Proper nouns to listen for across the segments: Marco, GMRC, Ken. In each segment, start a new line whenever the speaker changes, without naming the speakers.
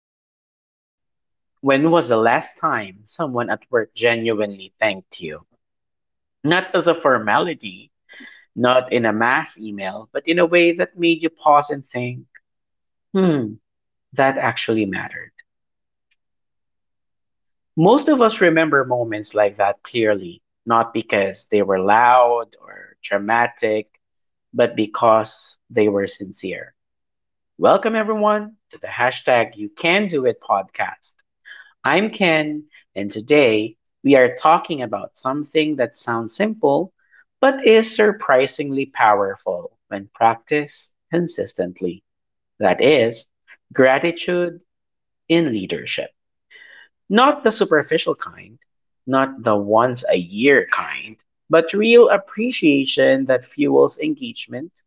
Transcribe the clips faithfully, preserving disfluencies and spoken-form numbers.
simple question. When was the last time someone at work genuinely thanked you? Not as a formality, not in a mass email, but in a way that made you pause and think, hmm, that actually mattered. Most of us remember moments like that clearly, not because they were loud or dramatic, but because they were sincere. Welcome, everyone, to the hashtag You Can Do It podcast. I'm Ken, and today we are talking about something that sounds simple but is surprisingly powerful when practiced consistently. That is, gratitude in leadership. Not the superficial kind, not the once a year kind, but real appreciation that fuels engagement,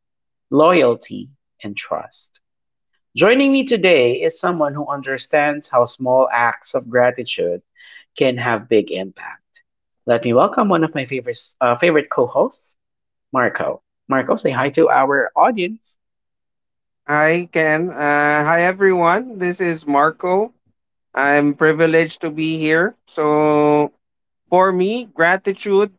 loyalty, and trust. Joining me today is someone who understands how small acts of gratitude can have big impact. Let me welcome one of my favorite uh, favorite co-hosts, Marco. Marco, say hi to our audience.
Hi, Ken. Uh, hi, everyone. This is Marco. I'm privileged to be here. So, for me, gratitude.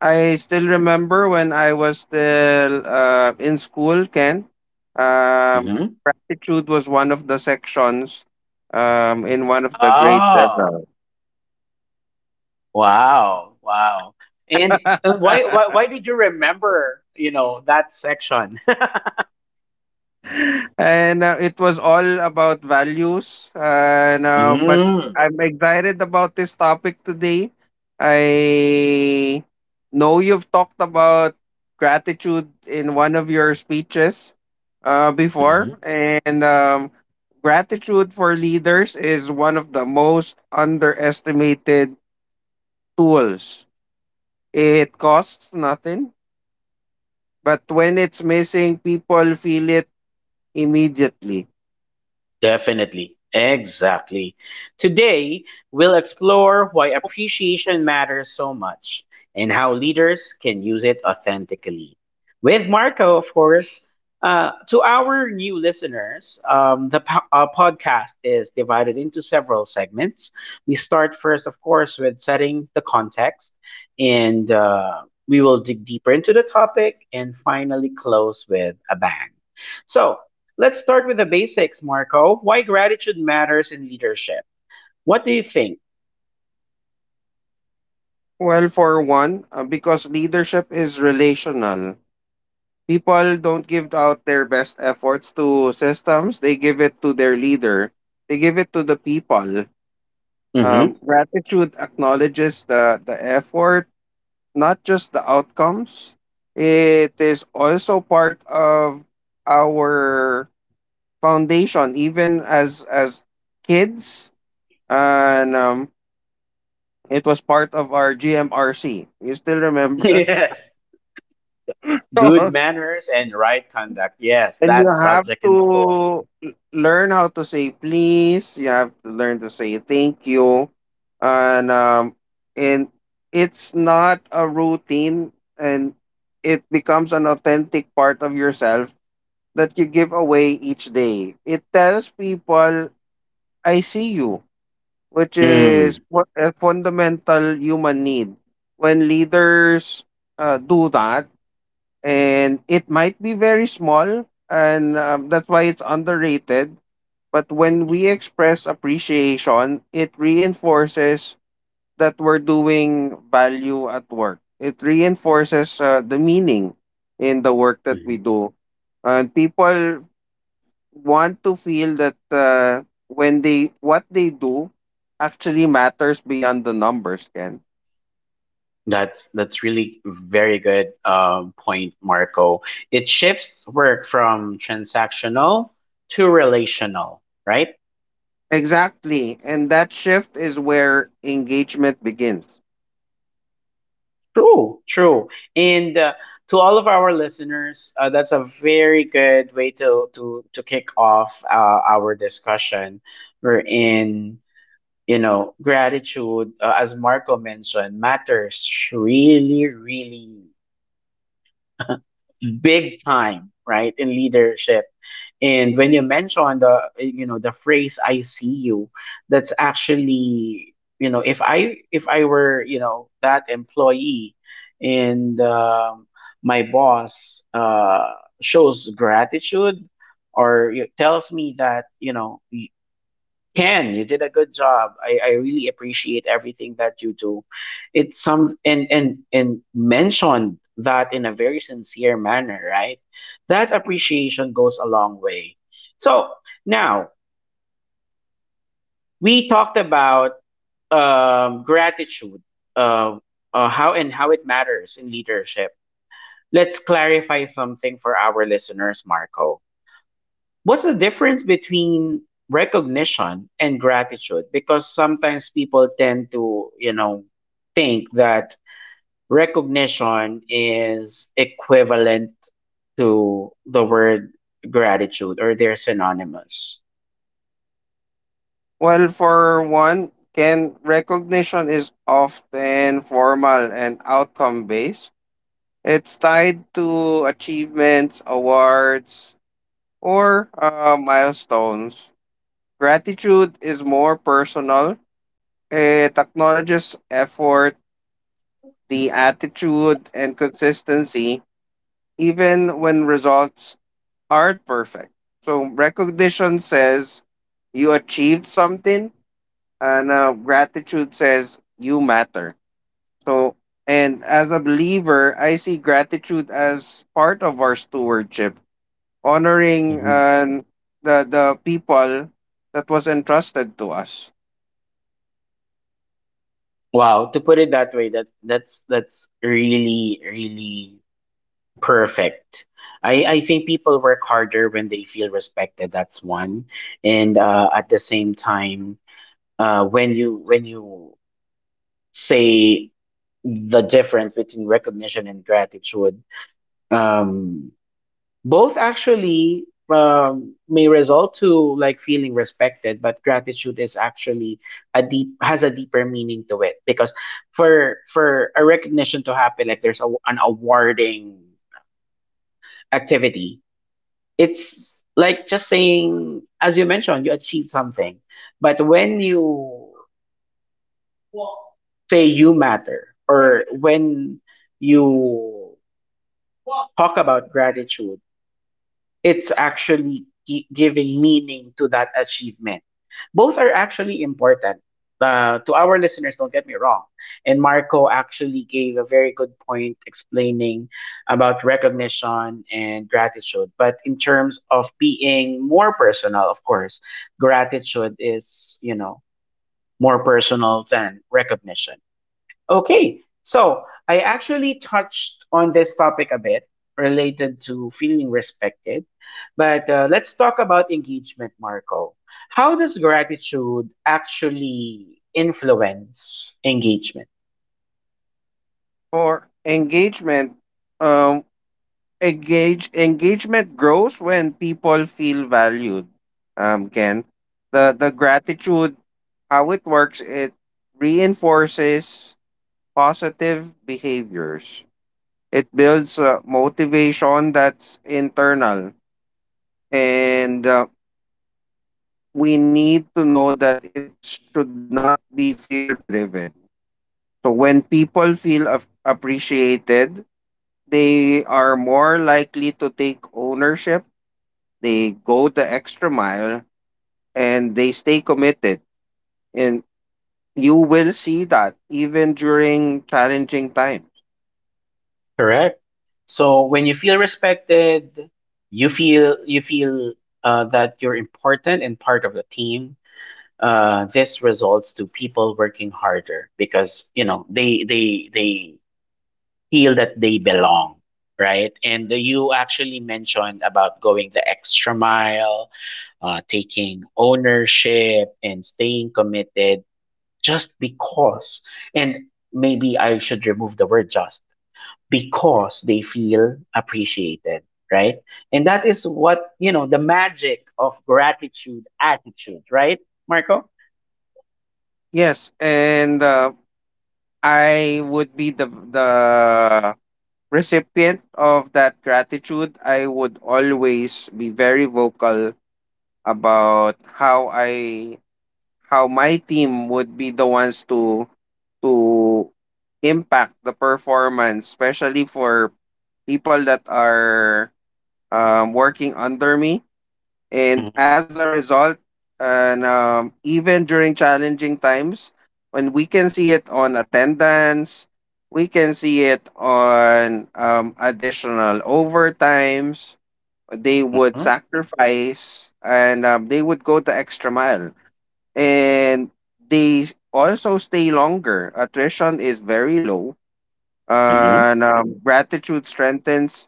I still remember when I was still uh, in school, Ken. Um,
Mm-hmm.
Gratitude was one of the sections um, in one of the grades.
Oh, wow, wow! And, and why, why why did you remember, you know, that section?
and uh, it was all about values. And uh, but I'm excited about this topic today. I know you've talked about gratitude in one of your speeches uh, before,
Mm-hmm.
and um, gratitude for leaders is one of the most underestimated tools. It costs nothing, but when it's missing, people feel it immediately.
Definitely. Exactly. Today, we'll explore why appreciation matters so much and how leaders can use it authentically. With Marco, of course. Uh, to our new listeners, um, the po- uh, podcast is divided into several segments. We start first, of course, with setting the context, and uh, we will dig deeper into the topic and finally close with a bang. So, Let's start with the basics, Marco. Why gratitude matters in leadership. What do you think?
Well, for one, uh, because leadership is relational. People don't give out their best efforts to systems, they give it to their leader, they give it to the people.
Hmm.
Um, gratitude acknowledges the, the effort, not just the outcomes. It is also part of our foundation, even as as kids. And um, it was part of our G M R C. You still remember?
Yes. Good manners and right conduct. Yes,
And you
that
have
subject in school.
to l- learn how to say please. You have to learn to say thank you, and um, and it's not a routine, and it becomes an authentic part of yourself that you give away each day. It tells people, "I see you," which is
Mm.
what a fundamental human need. When leaders uh, do that, and it might be very small and um, that's why it's underrated, but when we express appreciation, it reinforces that we're doing value at work. It reinforces uh, the meaning in the work that we
Mhm.
do, and people want to feel that uh, when they what they do actually matters beyond the numbers, can.
That's that's really very good um, point, Marco. It shifts work from transactional to relational, right?
Exactly. And that shift is where engagement begins.
True, true. And uh, to all of our listeners, uh, that's a very good way to to to kick off uh, our discussion. We're in, you know, gratitude, uh, as Marco mentioned, matters really, really big time, right, in leadership. And when you mention the, you know, the phrase "I see you," that's actually, you know, if I if I were, you know, that employee, and um, my boss uh, shows gratitude, or, you know, tells me that, you know, Ken, you did a good job. I, I really appreciate everything that you do. It's some and and and mentioned that in a very sincere manner, right? That appreciation goes a long way. So now we talked about um, gratitude, uh, uh, how and how it matters in leadership. Let's clarify something for our listeners, Marco. What's the difference between recognition and gratitude? Because sometimes people tend to, you know, think that recognition is equivalent to the word gratitude, or they're synonymous.
Well, for one, can, recognition is often formal and outcome based. It's tied to achievements, awards, or uh, milestones. Gratitude is more personal. It acknowledges effort, the attitude and consistency, even when results aren't perfect. So recognition says you achieved something, and uh, gratitude says you matter. So, and as a believer, I see gratitude as part of our stewardship, honoring
Hmm.
uh, the the people that was entrusted to us.
Wow, to put it that way, that that's that's really really perfect. I I think people work harder when they feel respected. That's one, and uh, at the same time, uh, when you when you say the difference between recognition and gratitude, um, both actually um, may result to like feeling respected, but gratitude is actually a deep, has a deeper meaning to it, because for for a recognition to happen, like there's a, an awarding activity, it's like just saying, as you mentioned, you achieved something. But when you say you matter, or when you talk about gratitude, it's actually gi- giving meaning to that achievement. Both are actually important. Uh, to our listeners, don't get me wrong, and Marco actually gave a very good point explaining about recognition and gratitude. But in terms of being more personal, of course, gratitude is, you know, more personal than recognition. Okay, so I actually touched on this topic a bit related to feeling respected, but uh, let's talk about engagement, Marco. How does gratitude actually influence engagement?
For engagement, um, engage engagement grows when people feel valued, um, Ken. The the gratitude, how it works, it reinforces positive behaviors. It builds uh, motivation that's internal, and uh, we need to know that it should not be fear driven. So when people feel af- appreciated, they are more likely to take ownership. They go the extra mile and they stay committed. And you will see that even during challenging times.
Correct. So when you feel respected, you feel, you feel uh, that you're important and part of the team. Uh, this results to people working harder because, you know, they they they feel that they belong, right? And you actually mentioned about going the extra mile, uh, taking ownership, and staying committed just because. And maybe I should remove the word just, because they feel appreciated, right? And that is what, you know, the magic of gratitude attitude, right, Marco?
Yes, and uh, I would be the the recipient of that gratitude. I would always be very vocal about how I how my team would be the ones to to impact the performance, especially for people that are um, working under me. And
Mm-hmm.
as a result, and um, even during challenging times, when we can see it on attendance, we can see it on um, additional overtimes. They would sacrifice and um, they would go the extra mile. And they s- also stay longer. Attrition is very low.
Mm-hmm.
and um, gratitude strengthens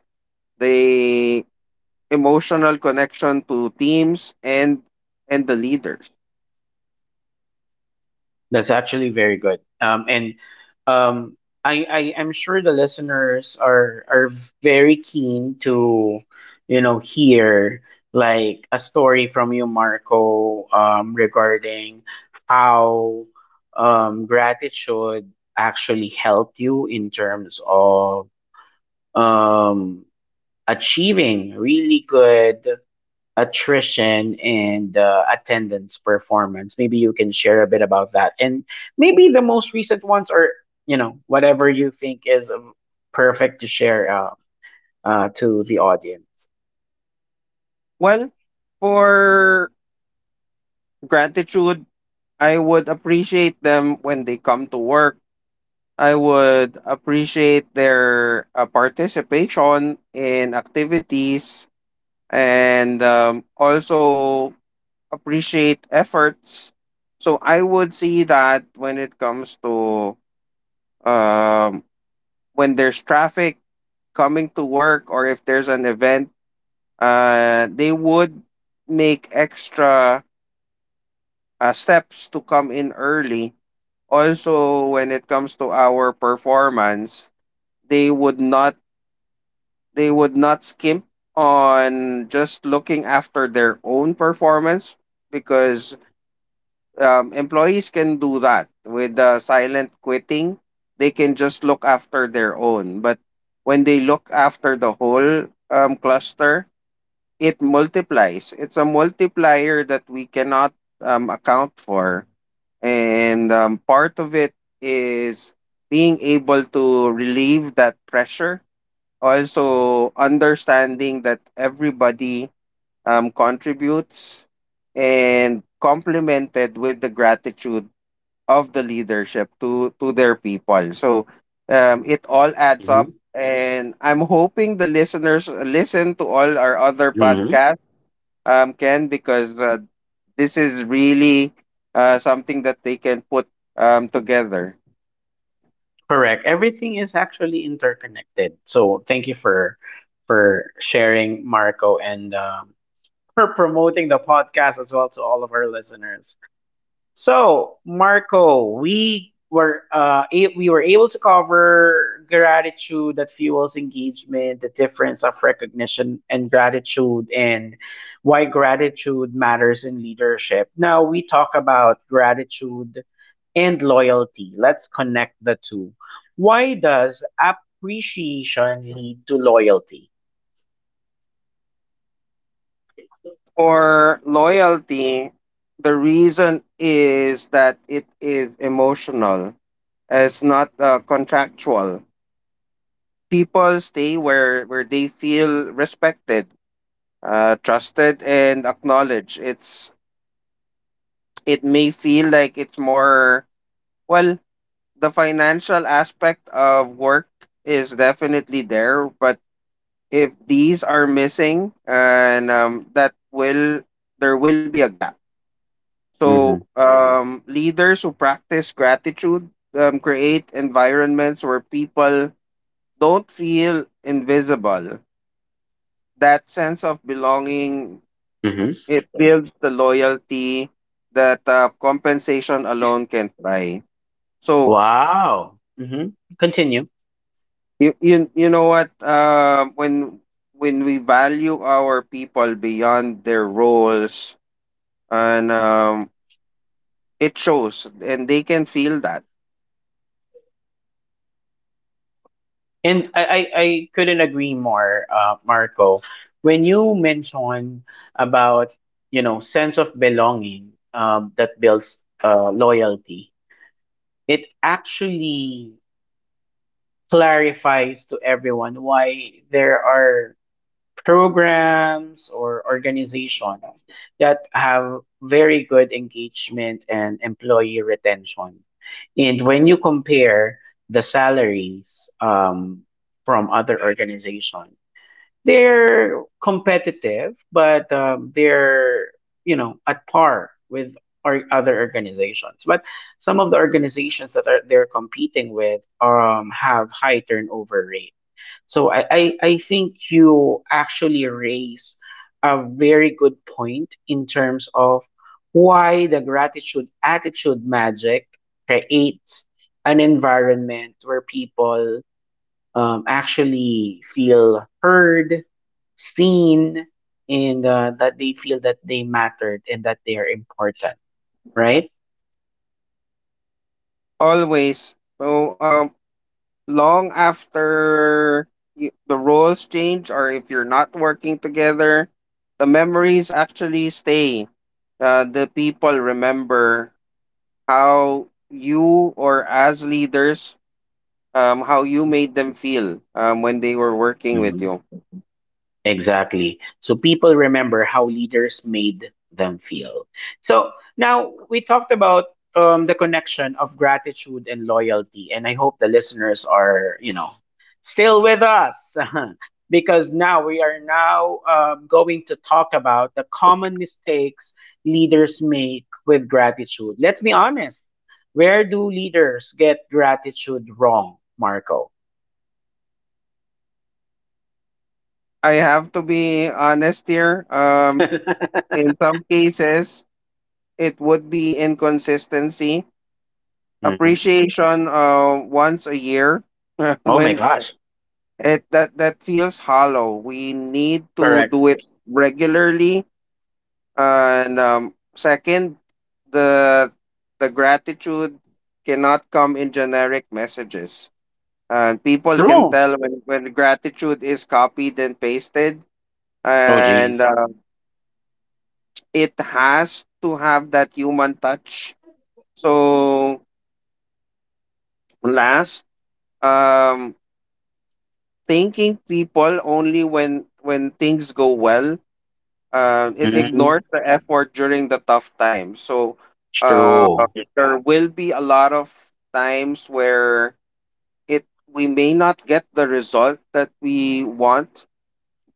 the emotional connection to teams and and the leaders.
That's actually very good. Um, and um, I, I am sure the listeners are, are very keen to, you know, hear like a story from you, Marco, um, regarding how um, gratitude actually helped you in terms of um, achieving really good attrition and uh, attendance performance. Maybe you can share a bit about that. And maybe the most recent ones are, you know, whatever you think is um, perfect to share uh, uh, to the audience.
Well, for gratitude, I would appreciate them when they come to work. I would appreciate their uh, participation in activities and um, also appreciate efforts. So I would see that when it comes to um, when there's traffic coming to work or if there's an event. Uh, they would make extra uh, steps to come in early. Also, when it comes to our performance, they would not, they would not skimp on just looking after their own performance, because um, employees can do that with the silent quitting. They can just look after their own, but when they look after the whole um, cluster, it multiplies. It's a multiplier that we cannot um, account for. And um, part of it is being able to relieve that pressure. Also, understanding that everybody um, contributes and complemented with the gratitude of the leadership to, to their people. So um, it all adds up.
Hmm.
And I'm hoping the listeners listen to all our other
Hmm.
podcasts, um, Ken, because uh, this is really uh, something that they can put um, together.
Correct. Everything is actually interconnected. So thank you for for sharing, Marco, and um, for promoting the podcast as well to all of our listeners. So, Marco, we were uh, a- we were able to cover gratitude that fuels engagement, the difference of recognition and gratitude, and why gratitude matters in leadership. Now we talk about gratitude and loyalty. Let's connect the two. Why does appreciation lead to loyalty?
For loyalty, the reason is that it is emotional. It's not uh, contractual. People stay where where they feel respected, uh, trusted, and acknowledged. It's it may feel like it's more, well. The financial aspect of work is definitely there, but if these are missing, and um, that will, there will be a gap. So
Mm-hmm.
um, leaders who practice gratitude um, create environments where people don't feel invisible, that sense of belonging,
Mm-hmm.
it builds the loyalty that uh, compensation alone can buy. So
Wow. Mm-hmm. Continue.
you, you, you know what, uh, when when we value our people beyond their roles, and um, it shows and they can feel that
And I, I, I couldn't agree more, uh, Marco. When you mention about, you know, sense of belonging, um, that builds uh, loyalty, it actually clarifies to everyone why there are programs or organizations that have very good engagement and employee retention. And when you compare the salaries um, from other organizations, they're competitive, but um, they're, you know, at par with or other organizations. But some of the organizations that are they're competing with um have high turnover rate. So I I, I think you actually raise a very good point in terms of why the gratitude attitude magic creates an environment where people um, actually feel heard, seen, and uh, that they feel that they mattered and that they are important, right?
always. So um, long after y- the roles change or if you're not working together, the memories actually stay. Uh, the people remember how you or as leaders, um, how you made them feel um, when they were working with you.
Exactly. So people remember how leaders made them feel. So now we talked about um, the connection of gratitude and loyalty, and I hope the listeners are, you know, still with us because now we are now um, going to talk about the common mistakes leaders make with gratitude. Let's be honest. Where do leaders get gratitude wrong, Marco?
I have to be honest here. Um, in some cases it would be inconsistency,
Mhm.
appreciation uh, once a year.
Oh my
When
gosh.
it that that feels hollow, we need to
Correct.
do it regularly. And um, second, the the gratitude cannot come in generic messages, and people can
True.
tell when when gratitude is copied and pasted.
Oh,
And
geez.
uh, it has to have that human touch. So last, um, thanking people only when when things go well. Uh, it
Mhm.
ignores the effort during the tough times. So uh,
True.
there will be a lot of times where it we may not get the result that we want,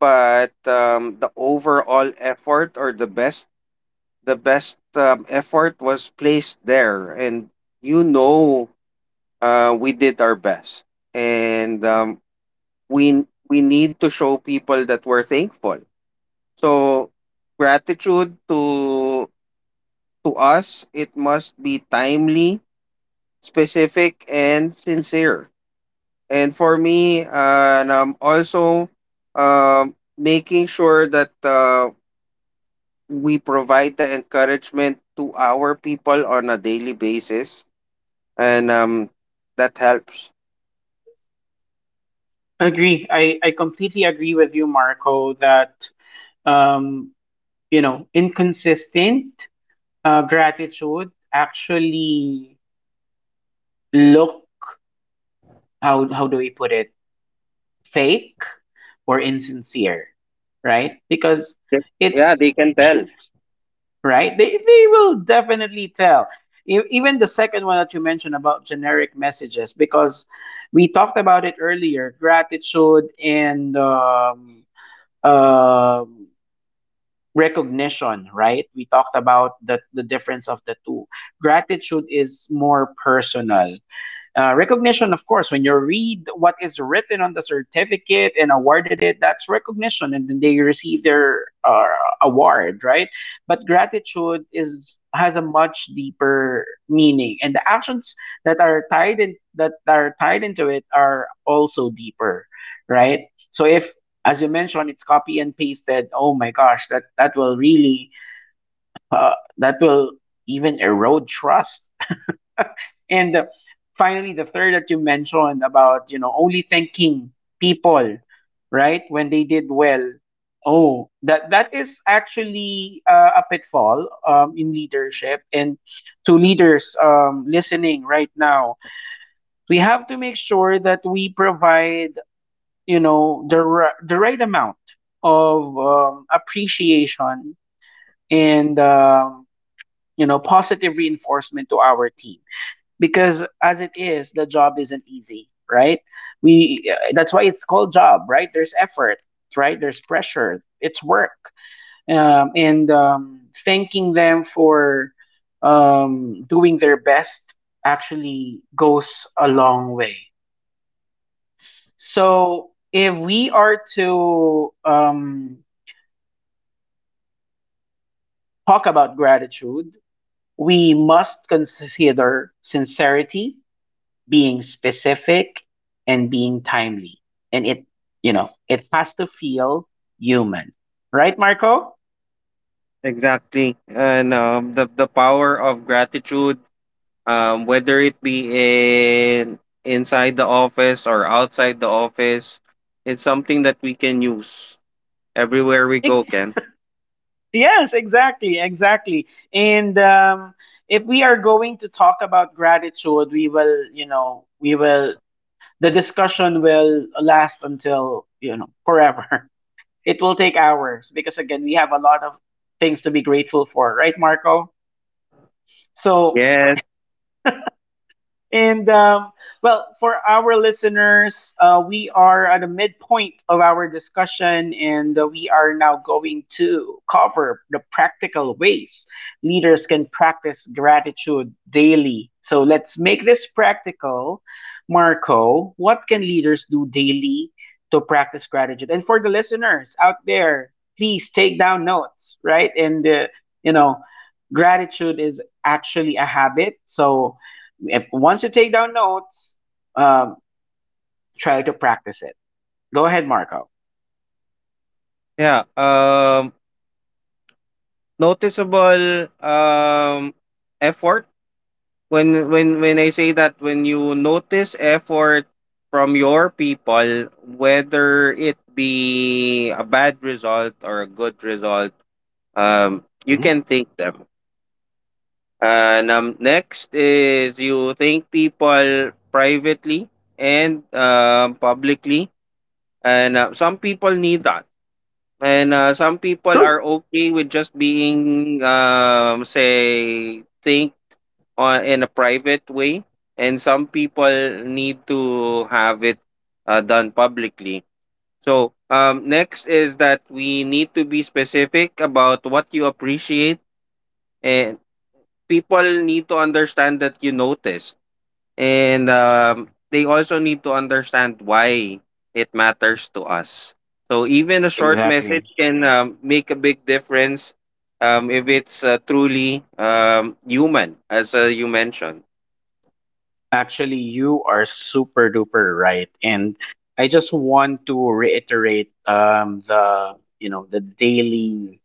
but um, the overall effort or the best the best um, effort was placed there, and you know, uh, we did our best. And um, we we need to show people that we're thankful. So gratitude to to us, it must be timely, specific, and sincere. And for me, uh, and um, also um, making sure that uh, we provide the encouragement to our people on a daily basis, and um, that helps.
Agree. I, I completely agree with you, Marco, that, um, you know, inconsistent uh, gratitude actually, look, how, how do we put it, fake or insincere, right? Because
Yep. Yeah,
it's,
they can tell.
right? They they will definitely tell. E- Even the second one that you mentioned about generic messages, because we talked about it earlier, gratitude and um, um recognition, right? We talked about the the difference of the two. Gratitude is more personal, uh, recognition, of course, when you read what is written on the certificate and awarded it, that's recognition, and then they receive their uh, award, right? But gratitude is, has a much deeper meaning, and the actions that are tied in, that are tied into it are also deeper, right? So if, as you mentioned, it's copy and pasted. Oh my gosh, that that will really uh, that will even erode trust. And uh, finally, the third that you mentioned about, you know, only thanking people, right, when they did well. Oh, that that is actually uh, a pitfall um, in leadership. And to leaders um, listening right now, we have to make sure that we provide, you know, the r- the right amount of um, appreciation and um, you know, positive reinforcement to our team, because as it is, the job isn't easy, right? We, that's why it's called job, right? There's effort, right, there's pressure, it's work. Um, and um, thanking them for um, doing their best actually goes a long way. So if we are to um, talk about gratitude, we must consider sincerity, being specific, and being timely. And it, you know, it has to feel human. Right, Marco?
Exactly. And um, the, the power of gratitude, um, whether it be in inside the office or outside the office, it's something that we can use everywhere we
Ex-
go, Ken.
Yes, exactly, exactly. And um, if we are going to talk about gratitude, we will, you know, we will, the discussion will last until, you know, forever. It will take hours because, again, we have a lot of things to be grateful for, right, Marco? So,
Yes.
and um, well, for our listeners, uh, we are at the midpoint of our discussion, and uh, we are now going to cover the practical ways leaders can practice gratitude daily. So let's make this practical. Marco, what can leaders do daily to practice gratitude? And for the listeners out there, please take down notes, right? And, uh, you know, gratitude is actually a habit. So, if once you take down notes, um, try to practice it. Go ahead, Marco.
Yeah um noticeable um, effort. When when when I say that, when you notice effort from your people, whether it be a bad result or a good result, um, you
Mhm.
can thank them. And um, next is you thank people privately and um, publicly. And uh, some people need that. And uh, some people are
True.
okay with just being, um, say, thanked on, in a private way. And some people need to have it uh, done publicly. So, um, next is that we need to be specific about what you appreciate. Eh, people need to understand that you noticed, and um, they also need to understand why it matters to us. So even a short message
Exactly.
can um, make a big difference, um, if it's uh, truly um, human, as uh, you mentioned.
Actually, you are super duper right, and I just want to reiterate um, the, you know, the daily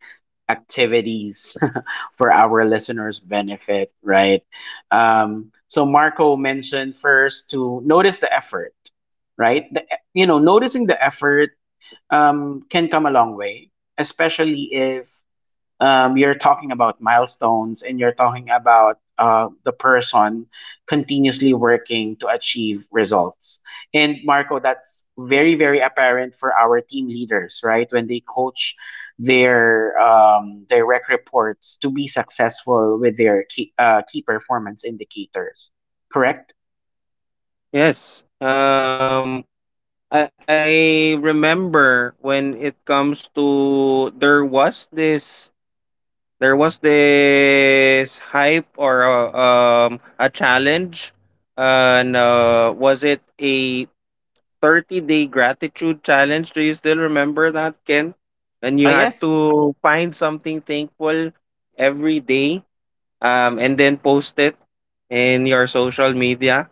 activities for our listeners' benefit, right? Um, so Marco mentioned first to notice the effort, right? The, you know, noticing the effort um, can come a long way, especially if um, you're talking about milestones and you're talking about uh, the person continuously working to achieve results. And Marco, that's very, very apparent for our team leaders, right? When they coach their um, direct reports to be successful with their key, uh, key performance indicators, correct?
Yes um, I, I remember when it comes to there was this there was this hype or a, um, a challenge, and uh was it a thirty day gratitude challenge? Do you still remember that, Ken? And you
Ah,
had
yes.
to find something thankful every day, um, and then post it in your social media.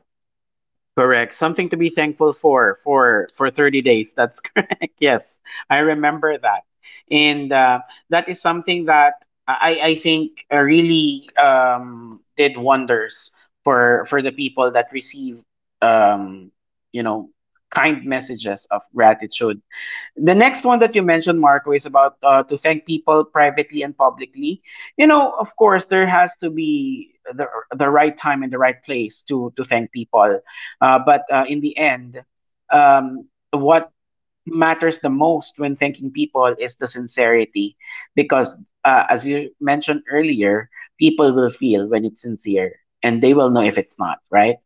Correct. Something to be thankful for for for thirty days. That's correct. Yes, I remember that, and uh, that is something that I I think uh, really um, did wonders for for the people that receive um, you know kind messages of gratitude. The next one that you mentioned, Marco, is about uh, to thank people privately and publicly. You know, of course, there has to be the the right time and the right place to to thank people. Uh, but uh, in the end, um, what matters the most when thanking people is the sincerity, because uh, as you mentioned earlier, people will feel when it's sincere, and they will know if it's not, right?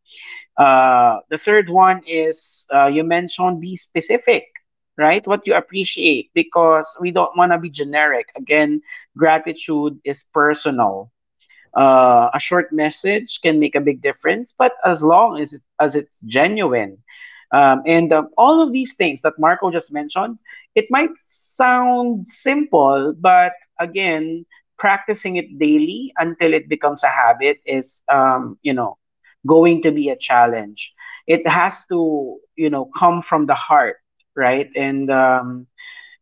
Uh, the third one is uh, you mentioned be specific, right? What you appreciate, because we don't want to be generic. Again, gratitude is personal. Uh, a short message can make a big difference, but as long as, it, as it's genuine. Um, and um, All of these things that Marco just mentioned, it might sound simple, but again, practicing it daily until it becomes a habit is, um, you know, going to be a challenge. It has to, you know, come from the heart, right? And um,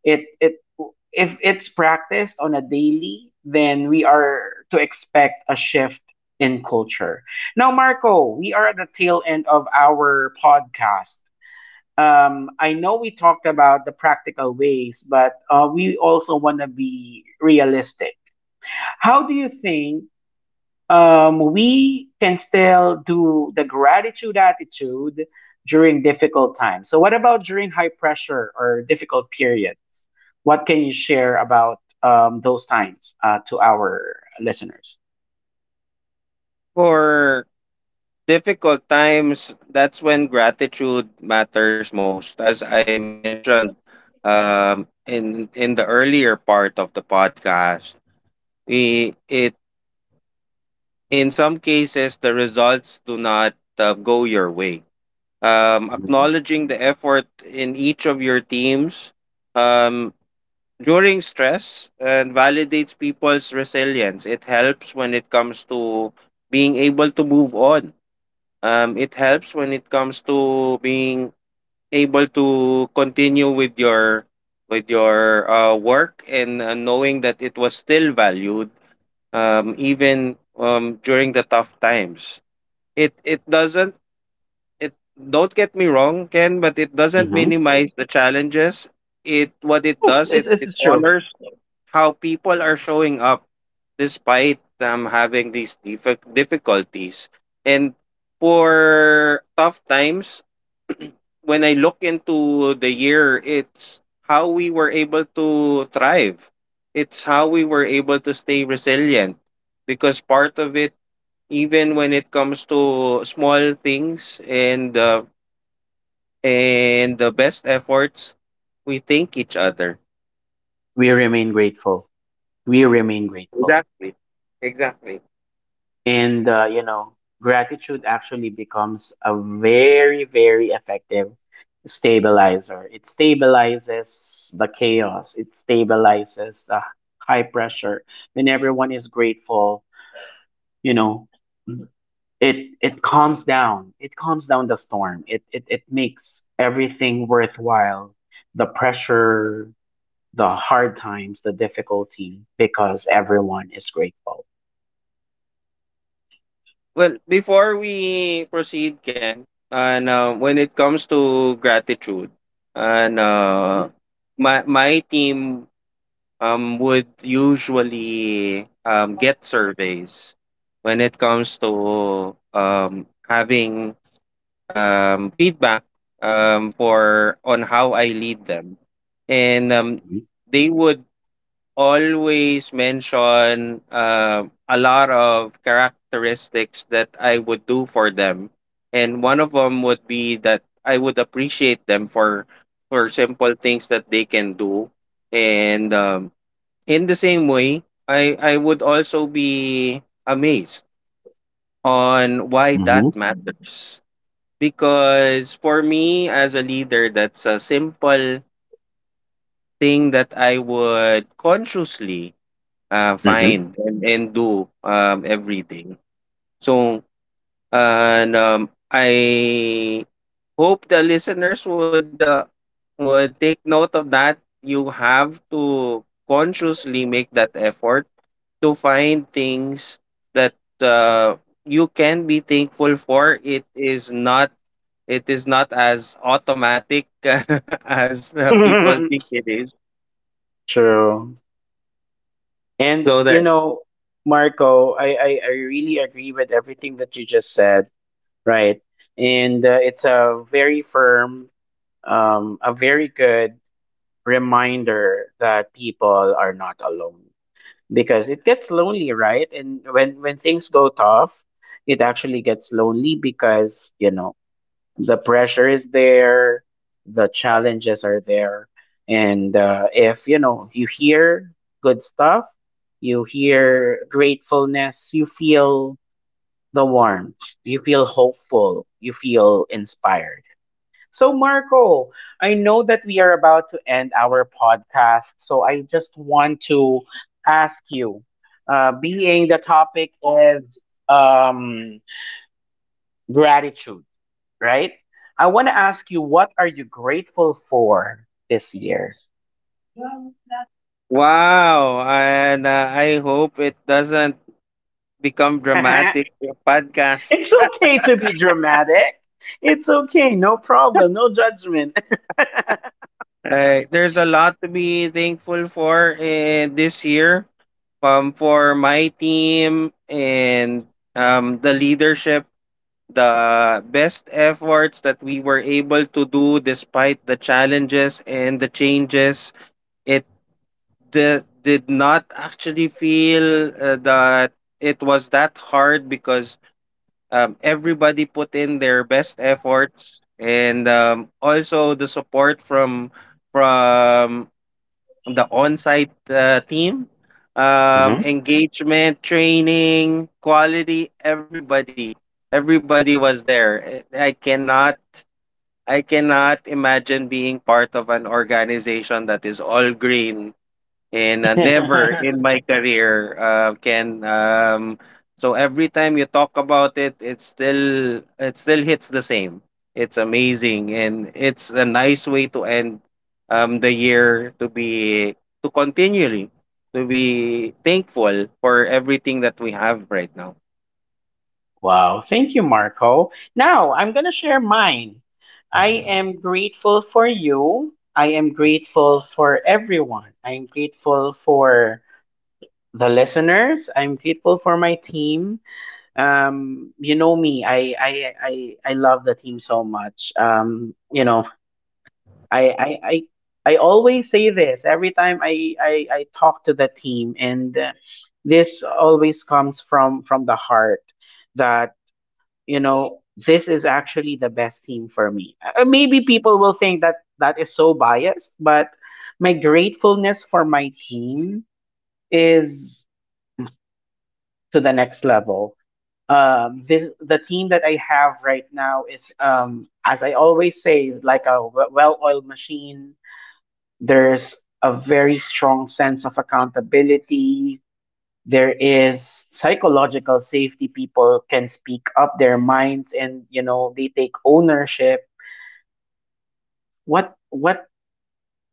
it it if it's practiced on a daily, then we are to expect a shift in culture. Now, Marco, we are at the tail end of our podcast. um, I know we talked about the practical ways, but uh, we also want to be realistic. How do you think um, we can still do the gratitude attitude during difficult times? So, what about during high pressure or difficult periods? What can you share about um, those times uh, to our listeners?
For difficult times, that's when gratitude matters most. As I mentioned um, in in the earlier part of the podcast, we it in some cases the results do not uh, go your way. Um,
Hmm.
acknowledging the effort in each of your teams, um, during stress, and validates people's resilience. It helps when it comes to being able to move on. Um, it helps when it comes to being able to continue with your with your uh, work, and uh, knowing that it was still valued, um, even um, during the tough times. It it doesn't, it don't get me wrong, Ken, but it doesn't
Hmm.
minimize the challenges. It what it does, it
it's,
it
it's true.
honors how people are showing up despite um, having these diffi- difficulties. And for tough times, when I look into the year, it's how we were able to thrive. It's how we were able to stay resilient, because part of it, even when it comes to small things and uh, and the best efforts, we thank each other.
We remain grateful. We remain grateful.
Exactly, exactly.
And, uh, you know, gratitude actually becomes a very, very effective stabilizer. It stabilizes the chaos, it stabilizes the high pressure. When everyone is grateful, you know, it it calms down. It calms down the storm. It it, it makes everything worthwhile. The pressure, the hard times, the difficulty, because everyone is grateful.
Well, before we proceed, Ken, and uh, when it comes to gratitude, and uh, my my team um, would usually um, get surveys when it comes to um, having um, feedback um, for on how I lead them, and um
Mm-hmm.
they would always mention um, a lot of characteristics that I would do for them, and one of them would be that I would appreciate them for for simple things that they can do, and um, in the same way, I I would also be amazed on why that matters, because for me as a leader, that's a simple thing that I would consciously uh, find and, and do um, every day. So, and um, I hope the listeners would uh, would take note of that. You have to consciously make that effort to find things that uh, you can be thankful for. It is not, it is not as automatic as uh, people
Mm-hmm.
think it is.
True. And
So there.
you know, Marco, I, I, I really agree with everything that you just said, right? And uh, it's a very firm, um, a very good reminder that people are not alone, because it gets lonely, right? And when when things go tough, it actually gets lonely because, you know, the pressure is there, the challenges are there, and uh, if, you know, you hear good stuff, you hear gratefulness, you feel the warmth, you feel hopeful, you feel inspired. So, Marco, I know that we are about to end our podcast, so I just want to ask you, uh, being the topic is um, gratitude, right? I want to ask you, what are you grateful for this year?
Wow, and uh, I hope it doesn't become dramatic, your podcast.
It's okay to be dramatic. It's okay. No problem. No judgment.
Right. There's a lot to be thankful for uh, this year, um, for my team and um, the leadership, the best efforts that we were able to do despite the challenges and the changes. It di- did not actually feel uh, that it was that hard, because um, everybody put in their best efforts, and um, also the support from from the on-site uh, team, um,
Mhm.
engagement, training, quality, everybody, everybody was there. i I cannot, i cannot imagine being part of an organization that is all green, and uh, never in my career uh, can um. So every time you talk about it, it still it still hits the same. It's amazing, and it's a nice way to end um, the year, to be to continually to be thankful for everything that we have right now.
Wow. Thank you, Marco. Now, I'm going to share mine. I am grateful for you. I am grateful for everyone. I am grateful for the listeners. I'm grateful for my team. Um you know me I I I, I love the team so much. Um you know I, I I I always say this every time i i, I talk to the team, and uh, this always comes from from the heart, that, you know, this is actually the best team for me. Uh, maybe people will think that that is so biased, but my gratefulness for my team is to the next level. Um this, the team that I have right now, is, um as I always say, like a w- well-oiled machine. There's a very strong sense of accountability. There is psychological safety. People can speak up their minds, and, you know, they take ownership. what what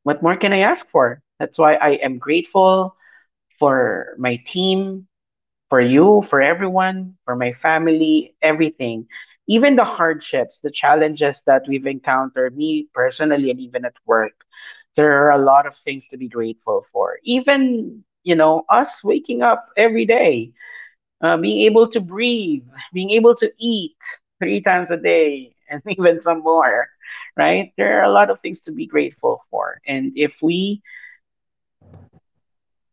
what more can I ask for? That's why I am grateful for my team, for you, for everyone, for my family, everything. Even the hardships, the challenges that we've encountered, me personally, and even at work, there are a lot of things to be grateful for. Even, you know, us waking up every day, uh, being able to breathe, being able to eat three times a day, and even some more, right? There are a lot of things to be grateful for. And if we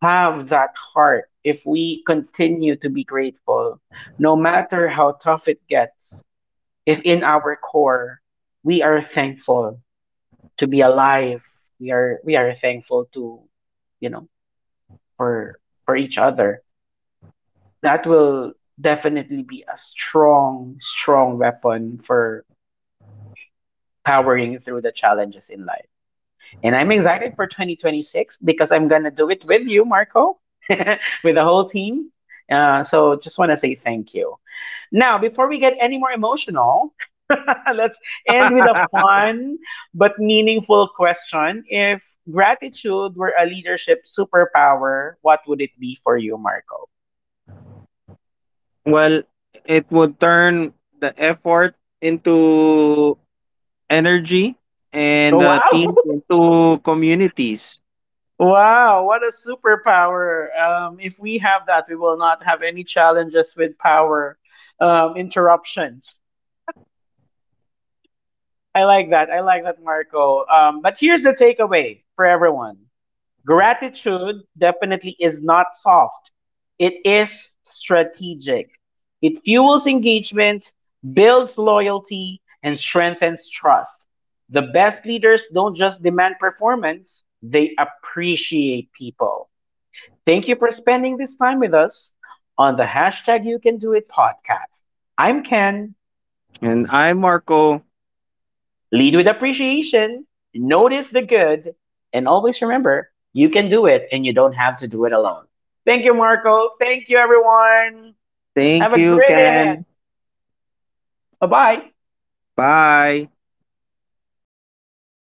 have that heart, if we continue to be grateful, no matter how tough it gets, if in our core we are thankful to be alive, we are we are thankful to, you know, for for each other. That will definitely be a strong, strong weapon for powering through the challenges in life. And I'm excited for twenty twenty-six, because I'm going to do it with you, Marco, with the whole team. Uh, so just want to say thank you. Now, before we get any more emotional, let's end with a fun but meaningful question. If gratitude were a leadership superpower, what would it be for you, Marco?
Well, it would turn the effort into energy, and
Oh,
uh,
wow.
teams into communities.
Wow, what a superpower. Um, if we have that, we will not have any challenges with power um, interruptions. I like that. I like that, Marco. Um, but here's the takeaway for everyone: gratitude definitely is not soft, it is strategic. It fuels engagement, builds loyalty, and strengthens trust. The best leaders don't just demand performance, they appreciate people. Thank you for spending this time with us on the hashtag You Can Do It podcast. I'm Ken.
And I'm Marco.
Lead with appreciation, notice the good, and always remember, you can do it, and you don't have to do it alone. Thank you, Marco. Thank you, everyone. Have
Thank
a
you,
great day ahead.
Ken.
Bye bye.
Bye.